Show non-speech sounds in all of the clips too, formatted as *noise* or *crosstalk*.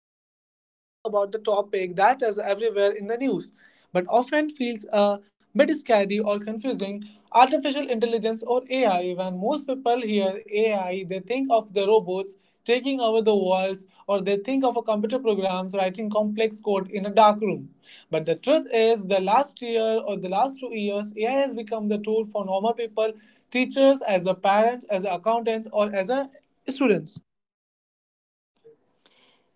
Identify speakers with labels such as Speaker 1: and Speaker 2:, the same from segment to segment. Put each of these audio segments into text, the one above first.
Speaker 1: Today, we are going to talk about the topic that is everywhere in the news but often feels a bit scary or confusing artificial intelligence or AI. When most people hear AI, they think of the robots taking over the worlds or they think of a computer programs writing complex code in a dark room but the truth is the last year or the last 2 years ai has become the tool for normal people teachers, as a parents as a accountants, or as a students.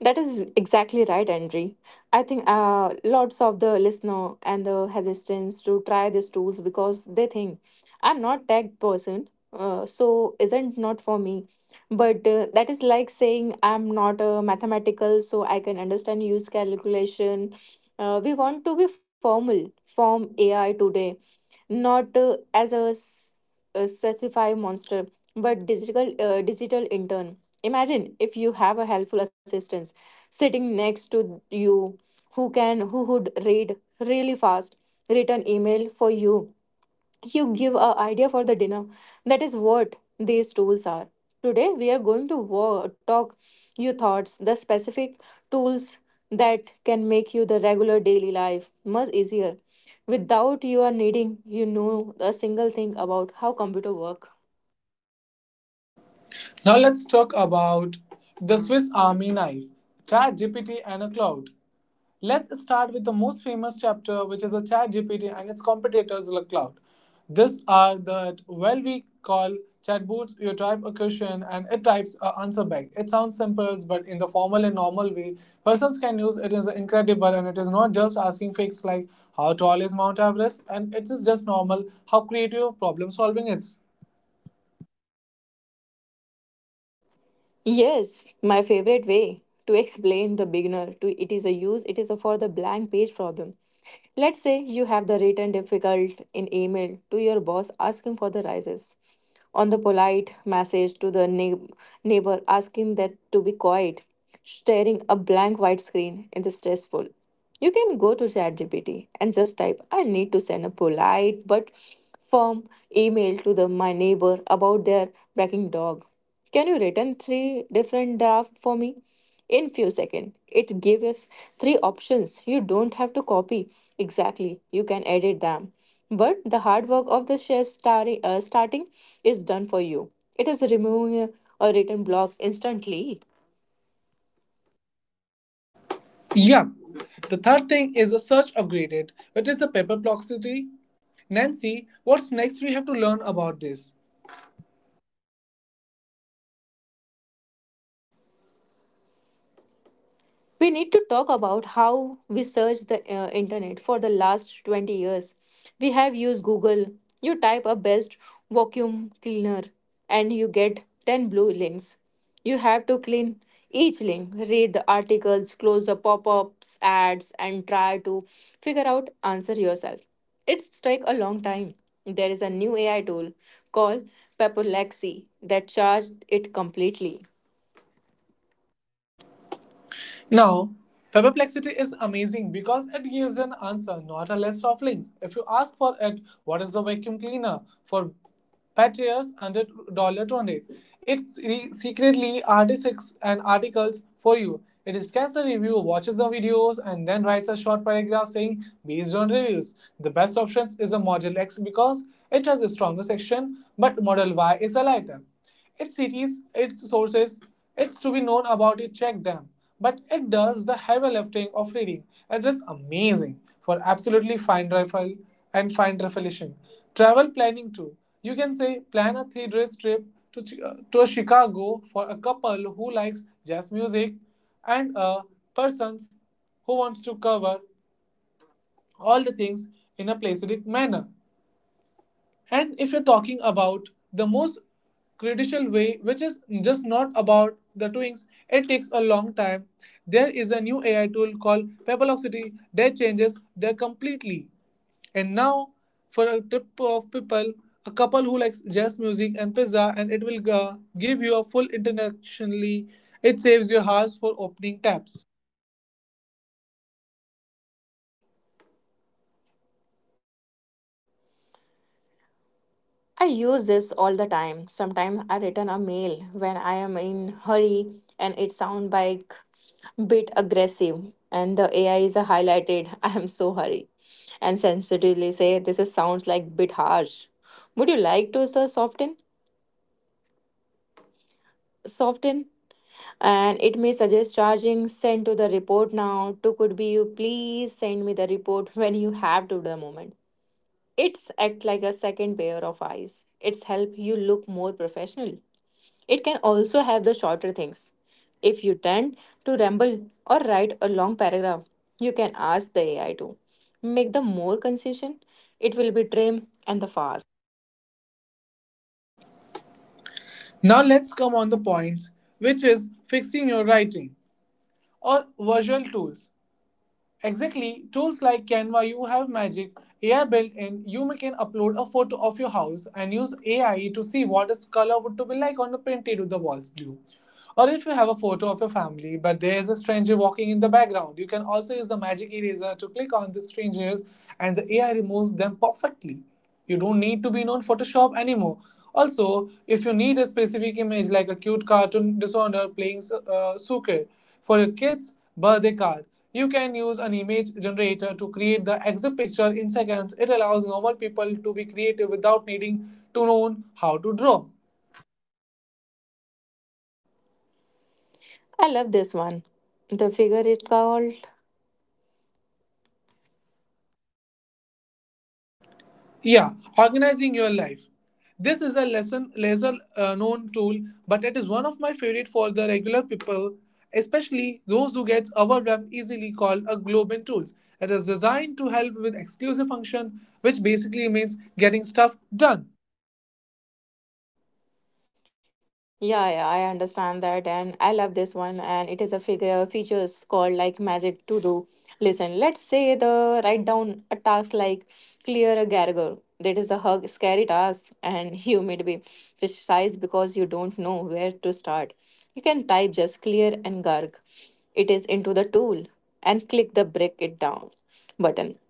Speaker 2: That is exactly right, Andre. I think lots of the listener and the hesitants to try these tools because they think I'm not tech person, so isn't not for me. But that is like saying I'm not a mathematical, so I can understand use calculation. We want to be form AI today not a specified monster but digital intern. Imagine if you have a helpful assistant sitting next to you who would read really fast, write an email for you, you give a idea for the dinner. That is what these tools are. Today we are going to talk your thoughts the specific tools that can make you the regular daily life much easier without you are needing a single thing about how computer work.
Speaker 1: Now let's talk about the Swiss Army knife, ChatGPT and a cloud. Let's start with the most famous chapter, which is a ChatGPT and its competitors, in the cloud. These are the well we call chatbots. You type a question and it types an answer back. It sounds simple, but in the formal and normal way, persons can use it is incredible and it is not just asking facts like how tall is Mount Everest and it is just normal how creative problem solving is.
Speaker 2: Yes, my favorite way to explain the beginner to it is a use it is a for the blank page problem. Let's say you have the written difficult in email to your boss asking for the rises, on the polite message to the neighbor asking that to be quiet, staring a blank white screen in the stressful. You can go to ChatGPT and just type, I need to send a polite but firm email to the my neighbor about their barking dog. Can you write in three different drafts for me? In few seconds, it gives us three options. You don't have to copy exactly. You can edit them, but the hard work of the shares starting is done for you. It is removing a written block instantly.
Speaker 1: Yeah. The third thing is a search upgraded, which is the paper perplexity. Nancy, what's next we have to learn about this?
Speaker 2: We need to talk about how we search the internet for the last 20 years. We have used Google. You type a best vacuum cleaner and you get 10 blue links. You have to clean each link, read the articles, close the pop-ups, ads, and try to figure out answer yourself. It's take a long time. There is a new AI tool called Paperlexy that charged it completely.
Speaker 1: Now, perplexity is amazing because it gives an answer, not a list of links. If you ask for it, what is the vacuum cleaner for patterns under $1 $20, it secretly articles and articles for you. It scans the review, watches the videos, and then writes a short paragraph saying, based on reviews, the best options is a Model X because it has a stronger section, but Model Y is a lighter. Its cities, its sources, it's to be known about it, check them. But it does the heavy lifting of reading. It is amazing for absolutely fine travel and fine revelation. Travel planning too. You can say plan a 3 days trip to, to Chicago for a couple who likes jazz music and a person who wants to cover all the things in a placidistic manner. And if you're talking about the most critical way, which is just not about the twinks, it takes a long time. There is a new AI tool called Pebble Oxity that changes there completely. And now, for a trip of people, a couple who likes jazz music and pizza, and it will give you a full internationally. It saves your hours for opening tabs.
Speaker 2: I use this all the time. Sometimes I return a mail when I am in hurry and it sound like bit aggressive, and the AI is a highlighted. *laughs* I am so hurry, and sensitively say this is sounds like bit harsh. Would you like to soften? Soften, and it may suggest charging send to the report now to could be you please send me the report *laughs* when you have to the moment. It's act like a second pair of eyes. It's help you look more professional. It can also have the shorter things. If you tend to ramble or write a long paragraph, you can ask the AI to make the more concession. It will be trim and the fast.
Speaker 1: Now let's come on the points, which is fixing your writing or visual tools. Exactly, tools like Canva, you have Magic, AI built in, you can upload a photo of your house and use AI to see what its color would to be like on a painted with the walls blue. Or if you have a photo of your family but there is a stranger walking in the background, you can also use the magic eraser to click on the strangers and the AI removes them perfectly. You don't need to be known Photoshop anymore. Also, if you need a specific image like a cute cartoon designer playing soccer for your kid's birthday card, you can use an image generator to create the exact picture in seconds. It allows normal people to be creative without needing to know how to draw.
Speaker 2: I love this one. The figure is called.
Speaker 1: Yeah, organizing your life. This is a lesson, lesser known tool, but it is one of my favorite for the regular people, especially those who get overwhelmed easily. Called a Globin tools. It is designed to help with exclusive function, which basically means getting stuff done.
Speaker 2: Yeah, yeah, I understand that, and I love this one. And it is a figure features called like magic to do. Listen, let's say the write down a task like clear a gargle. That is a hug, scary task, and *laughs* you may be precise because you don't know where to start. You can type just clear and garg. It is into the tool and click the break it down button,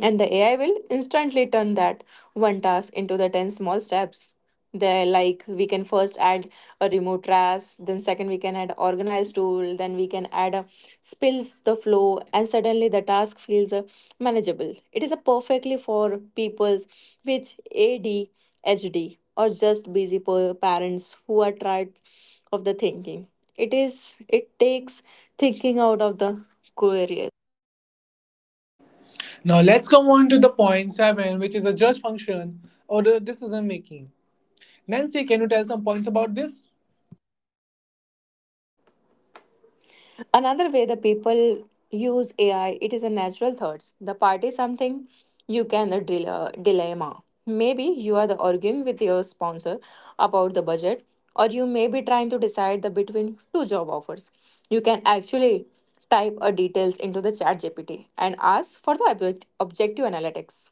Speaker 2: and the AI will instantly turn that one task into the 10 small steps. They're like we can first add a remote task, then second we can add organized tool, then we can add a spills the flow, and suddenly the task feels manageable. It is a perfectly for people with ADHD or just busy parents who are tired of the thinking. It takes thinking out of the career.
Speaker 1: Now let's come on to the point seven, which is a judge function or the decision making. Nancy, can you tell some points about this?
Speaker 2: Another way the people use AI, it is a natural thoughts. The part is something you can the dilemma. Maybe you are the arguing with your sponsor about the budget, or you may be trying to decide the between two job offers. You can actually type a details into the chat GPT and ask for the objective analytics.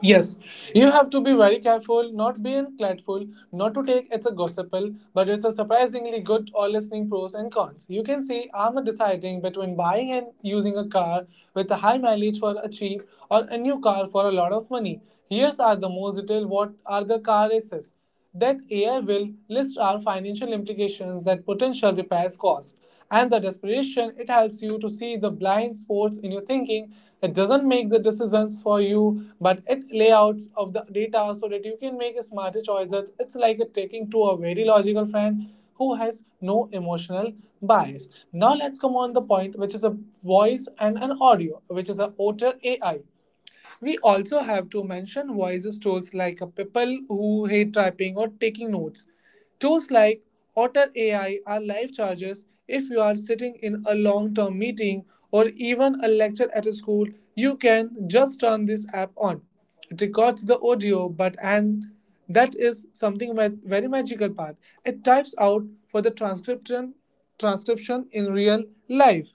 Speaker 1: Yes, you have to be very careful, not be unclatful, not to take it's a gossipal, but it's a surprisingly good or listening pros and cons. You can see I'm deciding between buying and using a car with a high mileage for a cheap or a new car for a lot of money. Here's are the most detail what are the car races. That AI will list our financial implications that potential repairs cost, and the desperation it helps you to see the blind spots in your thinking. It doesn't make the decisions for you, but it layouts of the data so that you can make smarter choices. It's like a taking to a very logical friend who has no emotional bias. Now let's come on the point which is a voice and an audio, which is a otter AI. We also have to mention voices tools like people who hate typing or taking notes. Tools like Otter AI are life chargers. If you are sitting in a long term meeting or even a lecture at a school, you can just turn this app on. It records the audio, but and that is something very magical part. It types out for the transcription in real life.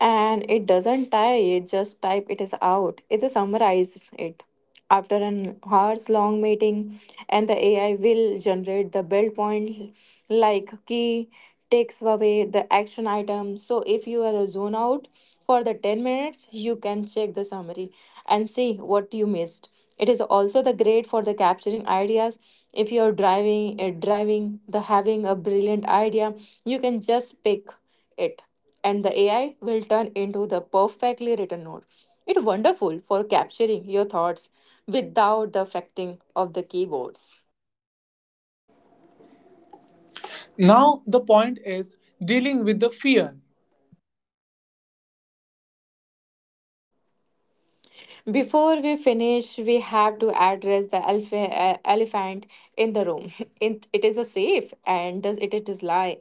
Speaker 2: And it doesn't tie, it just type it is out, it summarizes it. After an hours long meeting, and the AI will generate the build point, like key takes away the action item. So if you are zone out for the 10 minutes, you can check the summary and see what you missed. It is also the great for the capturing ideas. If you are driving the having a brilliant idea, you can just pick it, and the AI will turn into the perfectly written note. It's wonderful for capturing your thoughts without the affecting of the keyboards.
Speaker 1: Now the point is dealing with the fear.
Speaker 2: Before we finish, we have to address the elephant in the room. *laughs* It is a safe, and does it is lie.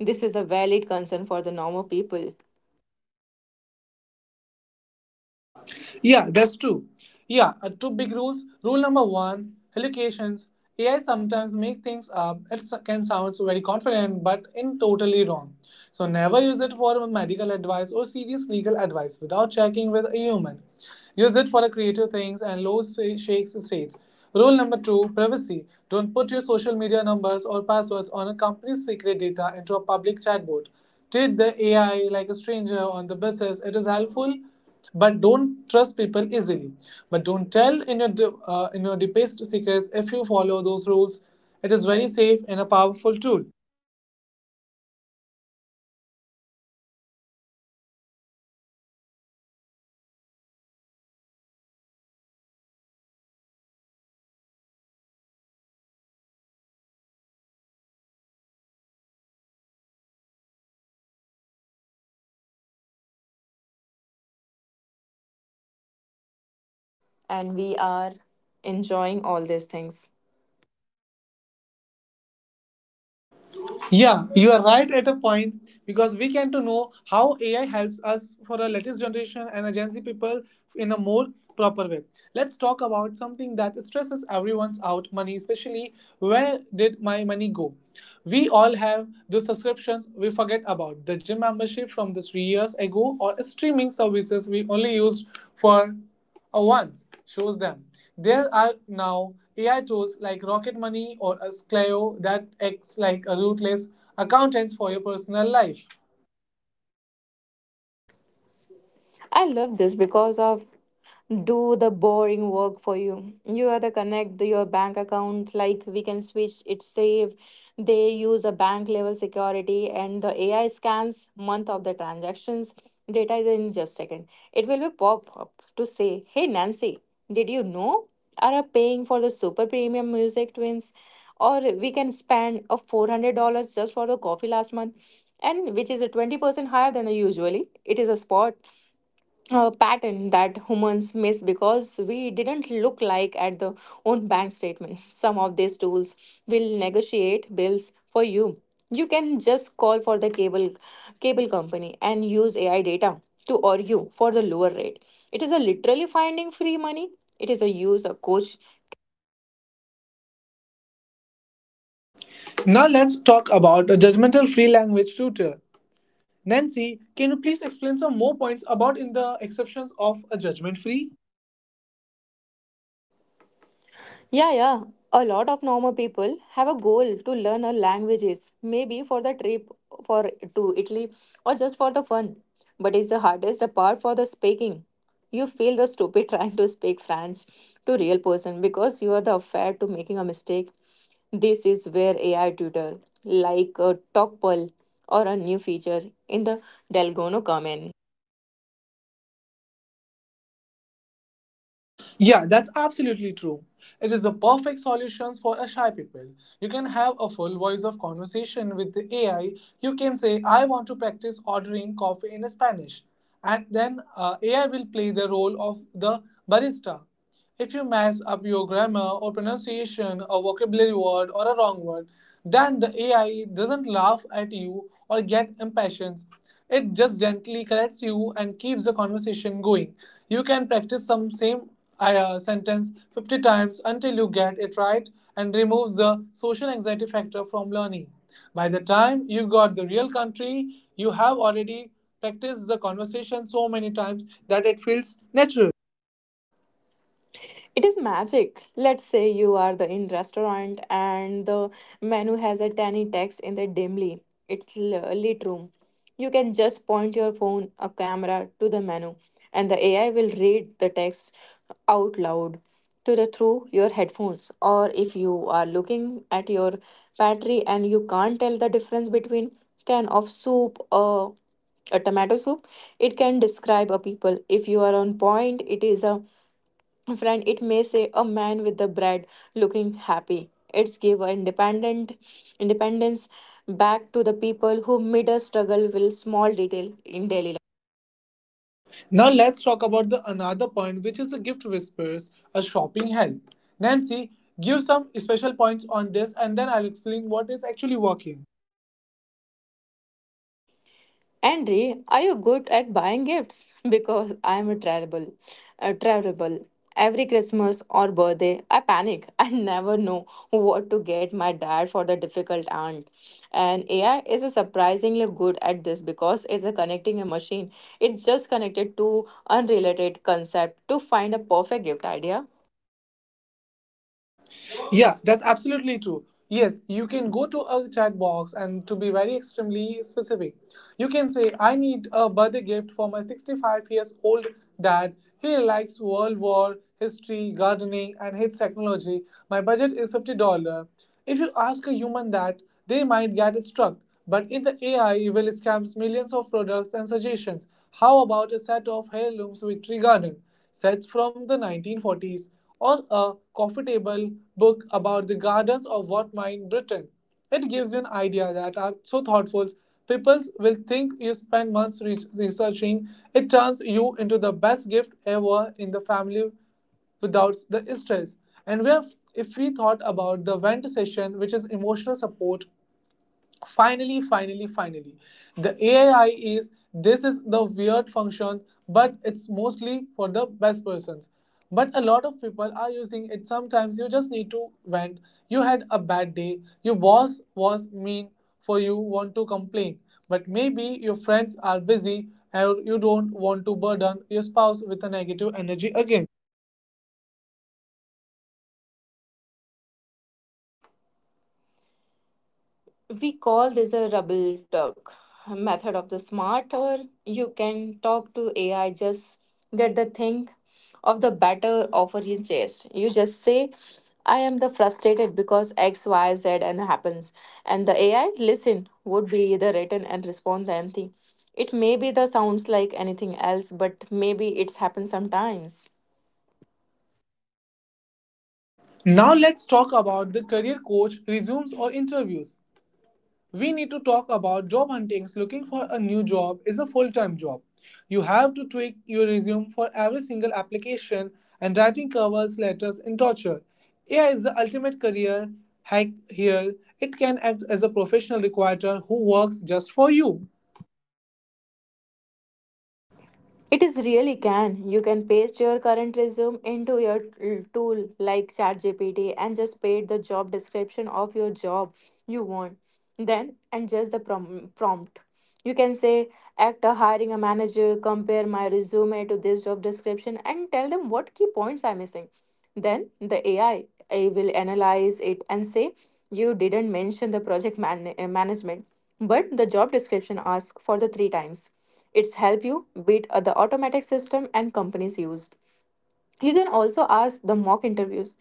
Speaker 2: This is a valid concern for the normal people,
Speaker 1: Yeah, that's true. Yeah, two big rules. Rule number one hallucinations. AI sometimes make things up. It can sound so very confident, but in totally wrong. So never use it for medical advice or serious legal advice without checking with a human. Use it for creative things and low shakes states. Rule number two privacy. Don't put your social media numbers or passwords on a company's secret data into a public chatbot. Treat the AI like a stranger on the buses. It is helpful, but don't trust people easily. But don't tell in your deepest secrets if you follow those rules. It is very safe and a powerful tool.
Speaker 2: and we are enjoying all these things.
Speaker 1: Yeah, you are right at a point because we can to know how AI helps us for a latest generation and agency people in a more proper way. Let's talk about something that stresses everyone's out money, especially where did my money go? We all have those subscriptions we forget about the gym membership from the 3 years ago or streaming services we only used for or once shows them. There are now AI tools like Rocket Money or Ascleo that acts like a ruthless accountants for your personal life.
Speaker 2: I love this because of do the boring work for you. You are the connect your bank account like we can switch it save. They use a bank level security, and the AI scans month of the transactions. Data is in just second. It will be pop up to say, Hey Nancy, did you know? Are paying for the super premium music twins? Or we can spend a $400 just for the coffee last month, and which is a 20% higher than the usually. It is a spot pattern that humans miss because we didn't look like at the own bank statements. Some of these tools will negotiate bills for you. You can just call for the cable company and use AI data to or you for the lower rate. It is a literally finding free money. It is a use a coach.
Speaker 1: Now let's talk about a judgmental free language tutor. Nancy, can you please explain some more points about in the exceptions of a judgment free?
Speaker 2: Yeah, yeah. A lot of normal people have a goal to learn a languages, maybe for the trip for to Italy or just for the fun. But it's the hardest part for the speaking. You feel the stupid *laughs* trying to speak French to real person because you are the afraid to making a mistake. This is where AI tutor like a TalkPal or a new feature in the Delgono come in.
Speaker 1: Yeah, that's absolutely true. It is the perfect solutions for a shy people. You can have a full voice of conversation with the AI. You can say, "I want to practice ordering coffee in Spanish," and then AI will play the role of the barista. If you mess up your grammar or pronunciation, a vocabulary word or a wrong word, then the AI doesn't laugh at you or get impatient. It just gently corrects you and keeps the conversation going. You can practice some same a sentence 50 times until you get it right and removes the social anxiety factor from learning. By the time you got the real country, you have already practiced the conversation so many times that it feels natural.
Speaker 2: It is magic. Let's say you are the in restaurant and the menu has a tiny text in the dimly lit room. You can just point your phone a camera to the menu, and the AI will read the text out loud to the through your headphones. Or if you are looking at your pantry and you can't tell the difference between can of soup or a tomato soup, it can describe a people if you are on point. It is a Friend, it may say a man with the bread looking happy. It's give our independent independence back to the people who made us struggle with small detail in daily.
Speaker 1: Now let's talk about the another point which is the gift whispers, a shopping help. Nancy, give some special points on this and then I'll explain what is actually working.
Speaker 2: Andre, are you good at buying gifts? *laughs* Because I am a terrible, a terrible. Every Christmas or birthday, I panic. *laughs* I never know what to get my dad for the difficult aunt. And AI is a surprisingly good at this because it's a connecting a machine. It just connected to unrelated concept to find a perfect gift idea.
Speaker 1: Yeah, that's absolutely true. Yes, you can go to a chat box and to be very extremely specific, you can say, I need a birthday gift for my 65 years old dad. He likes World War, history, gardening, and hates technology. My budget is $50. If you ask a human that, they might get struck. But in the AI, it will scams millions of products and suggestions. How about a set of heirlooms with tree garden? Sets from the 1940s, or a coffee table book about the gardens of what mine Britain. It gives you an idea that are so thoughtful, people will think you spend months researching. It turns you into the best gift ever in the family without the stress. And we have, if we thought about the vent session, which is emotional support finally the ai is this is the weird function but it's mostly for the best persons but a lot of people are using it sometimes you just need to vent you had a bad day your boss was mean for you want to complain but maybe your friends are busy and you don't want to burden your spouse with a negative energy again
Speaker 2: We call this a rubble talk method of the smart. Or you can talk to AI just get the thing of the better offer you chase. You just say, I am the frustrated because X Y Z and happens, and the AI listen would be the written and respond the empty. It may be the sounds like anything else, but maybe it's happened sometimes.
Speaker 1: now let's talk about the career coach resumes or interviews we need to talk about job hunting. Looking for a new job is a full time job. You have to tweak your resume for every single application and writing covers, letters, and torture. AI is the ultimate career hack here. It can act as a professional recruiter who works just for you.
Speaker 2: It is really can. You can paste your current resume into your tool like ChatGPT and just paste the job description of your job you want. Then and just the prompt. You can say, act a hiring a manager, compare my resume to this job description, and tell them what key points I'm missing. Then the AI will analyze it and say, you didn't mention the project management, but the job description asks for the three times. It's help you beat the automatic system and companies use. You can also ask the mock interviews,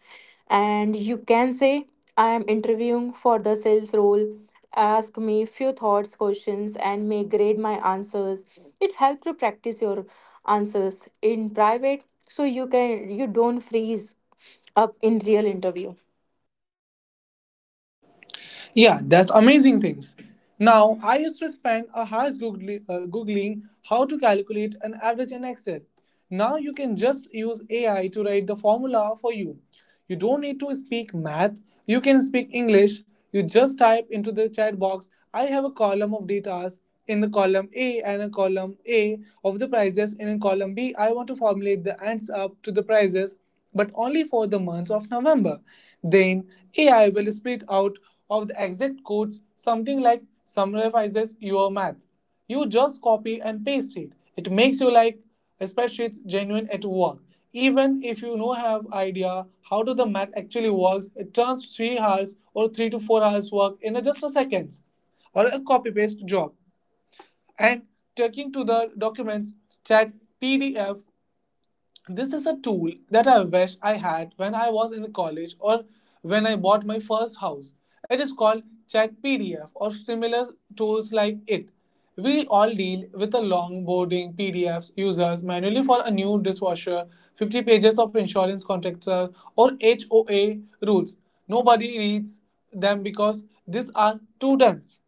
Speaker 2: and you can say, I am interviewing for the sales role. Ask me few thoughts, questions, and may grade my answers. It helps you practice your answers in private so you don't freeze up in real interview.
Speaker 1: Yeah, that's amazing things. Now, I used to spend a hours Googling how to calculate an average in Excel. Now you can just use AI to write the formula for you. You don't need to speak math, you can speak English. You just type into the chat box, I have a column of datas in the column A and a column A of the prices, and in column B, I want to formulate the ends up to the prices, but only for the months of November. Then AI will split out of the exact codes, something like summarizes your math. You just copy and paste it. It makes you like a spreadsheets genuine at work. Even if you no have idea how do the math actually works, it turns 3 hours or 3 to 4 hours work in a just a seconds or a copy paste job. And taking to the documents, chat, PDF this is a tool that I wish I had when I was in college or when I bought my first house. It is called Chat PDF or similar tools like it. We all deal with the long boarding PDFs users manually for a new dishwasher, 50 pages of insurance contractor or HOA rules. Nobody reads them because these are too dense.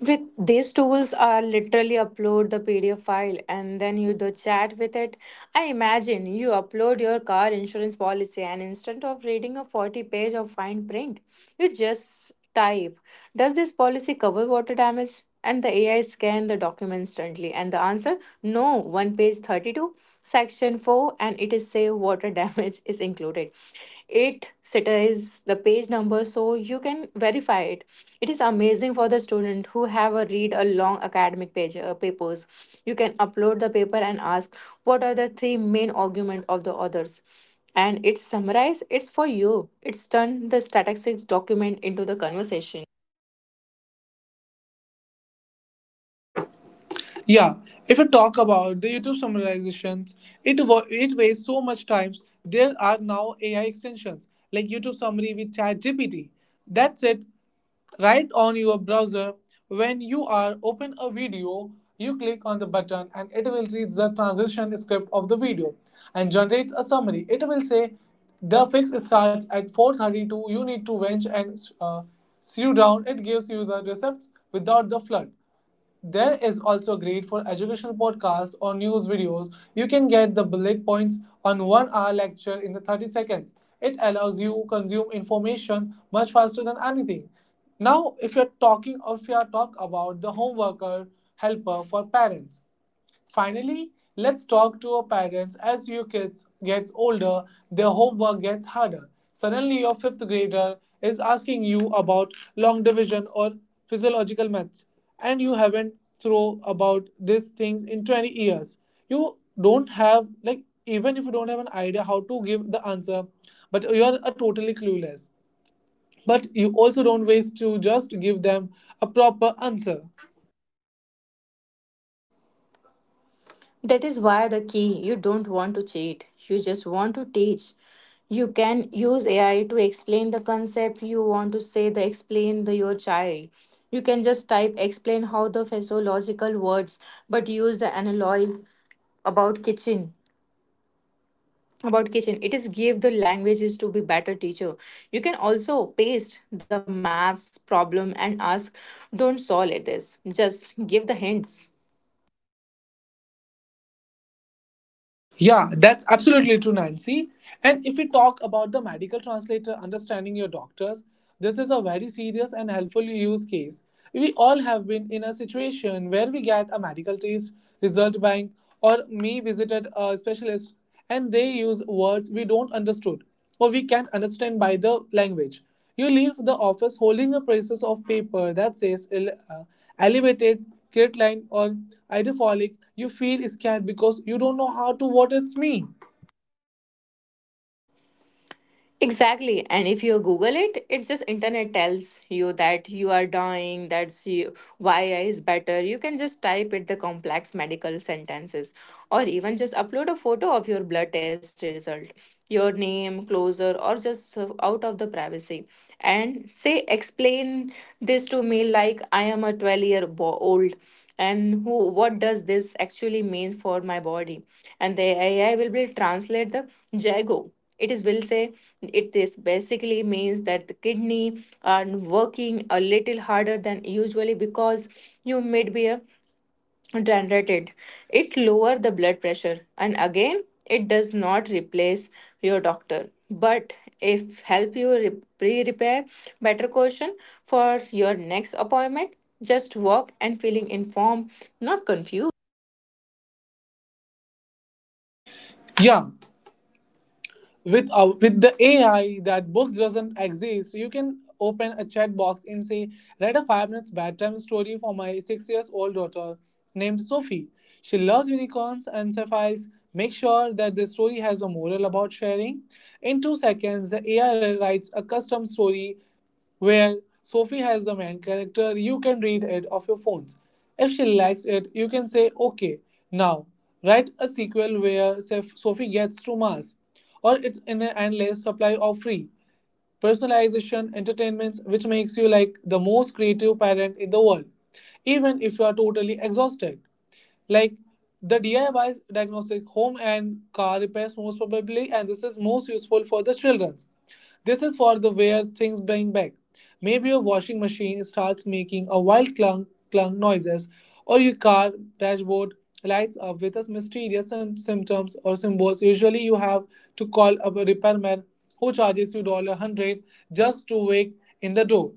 Speaker 2: With these tools, I literally upload the PDF file and then you do chat with it. I imagine you upload your car insurance policy, and instead of reading a 40 page of fine print, you just type, Does this policy cover water damage? And the AI scan the document instantly. And the answer, no, one page 32, section 4, and it is say water *laughs* damage is included. It cities the page number so you can verify it. It is amazing for the student who have a read a long academic page papers. You can upload the paper and ask, what are the three main argument of the authors? And it's summarize it's for you, it's turn the statistics document into the conversation.
Speaker 1: Yeah, if you talk about the YouTube summarizations, it wastes so much time. There are now AI extensions like YouTube Summary with ChatGPT. That's it. Right on your browser, when you are open a video, you click on the button and it will read the transition script of the video and generates a summary. It will say the fix starts at 4:32. You need to winch and slew down. It gives you the recepts without the flood. There is also great for educational podcasts or news videos. You can get the bullet points on 1 hour lecture in the 30 seconds. It allows you to consume information much faster than anything. Now, if you're talking or if you are talk about the home worker helper for parents, finally, let's talk to our parents. As your kids gets older, their homework gets harder. Suddenly, your fifth grader is asking you about long division or physiological maths, and you haven't thrown about these things in 20 years. You don't have like even if you don't have an idea how to give the answer, but you are a totally clueless. But you also don't waste to just give them a proper answer.
Speaker 2: That is why the key you don't want to cheat, you just want to teach. You can use AI to explain the concept you want to say, the explain the your child. You can just type, explain how the physiological words but use the analogy about kitchen about kitchen. It is give the languages to be better teacher. You can also paste the maths problem and ask, don't solve it, this just give the hints.
Speaker 1: Yeah, that's absolutely true, Nancy. And if we talk about the medical translator understanding your doctors, this is a very serious and helpful use case. We all have been in a situation where we get a medical test result bank or me visited a specialist and they use words we don't understood or we can understand by the language. You leave the office holding a pieces of paper that says elevated, line or hydrophilic. You feel scared because you don't know how to what it's mean.
Speaker 2: Exactly. And if you Google it, it's just internet tells you that you are dying, that's you, why is better. You can just type it the complex medical sentences or even just upload a photo of your blood test result, your name, closer, or just out of the privacy. And say, explain this to me like I am a 12 year old and who what does this actually means for my body, and the AI will be translate the Jago. It is will say it this basically means that the kidney are working a little harder than usually because you might be a hydrated. It lower the blood pressure, and again it does not replace your doctor, but if help you pre-prepare better question for your next appointment, just walk and feeling informed, not confused.
Speaker 1: Yeah, with the AI that books doesn't exist, you can open a chat box and say, "Write a 5 minutes bedtime story for my 6 years old daughter named Sophie. She loves unicorns and sapphires. Make sure that the story has a moral about sharing." In 2 seconds, the AI writes a custom story where Sophie has the main character, you can read it off your phones. If she likes it, you can say, okay, now write a sequel where Sophie gets to Mars, or it's in an endless supply of free personalization entertainments, which makes you like the most creative parent in the world, even if you are totally exhausted. Like the DIYs diagnostic home and car repairs most probably, and this is most useful for the children this is for the where things bring back. Maybe your washing machine starts making a wild clunk clunk noises, or your car dashboard lights up with a mysterious symptoms or symbols. Usually, you have to call up a repairman who charges you dollar hundred just to wake in the door.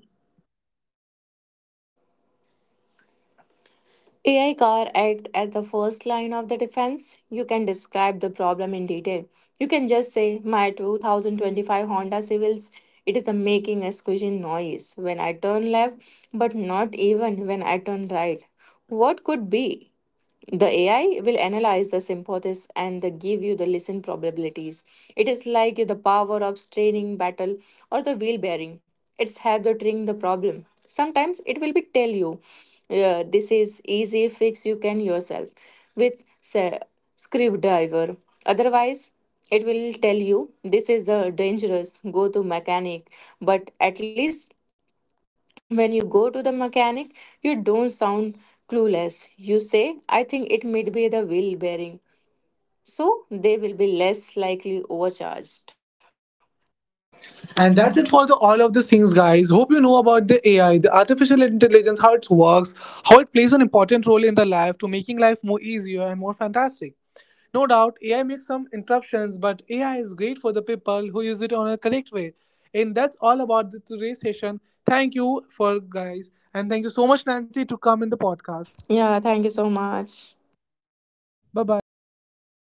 Speaker 2: AI car act as the first line of the defense. You can describe the problem in detail. You can just say, my 2025 Honda Civics, it is a making a squishing noise when I turn left but not even when I turn right. What could be? The AI will analyze the sympathies and the give you the listen probabilities. It is like the power of straining battle or the wheel bearing. It's have the tring the problem. Sometimes it will be tell you, this is easy fix you can yourself with screwdriver. Otherwise, it will tell you this is the dangerous go to mechanic. But at least when you go to the mechanic, you don't sound clueless. You say, I think it might be the wheel bearing. So they will be less likely overcharged.
Speaker 1: And that's it for the all of these things, guys. Hope you know about the AI, the artificial intelligence, how it works, how it plays an important role in the life to making life more easier and more fantastic. No doubt, AI makes some interruptions, but AI is great for the people who use it on a correct way. And that's all about the today's session. Thank you for guys, and thank you so much, Nancy, to come in the podcast.
Speaker 2: Yeah, thank you so much.
Speaker 1: Bye bye.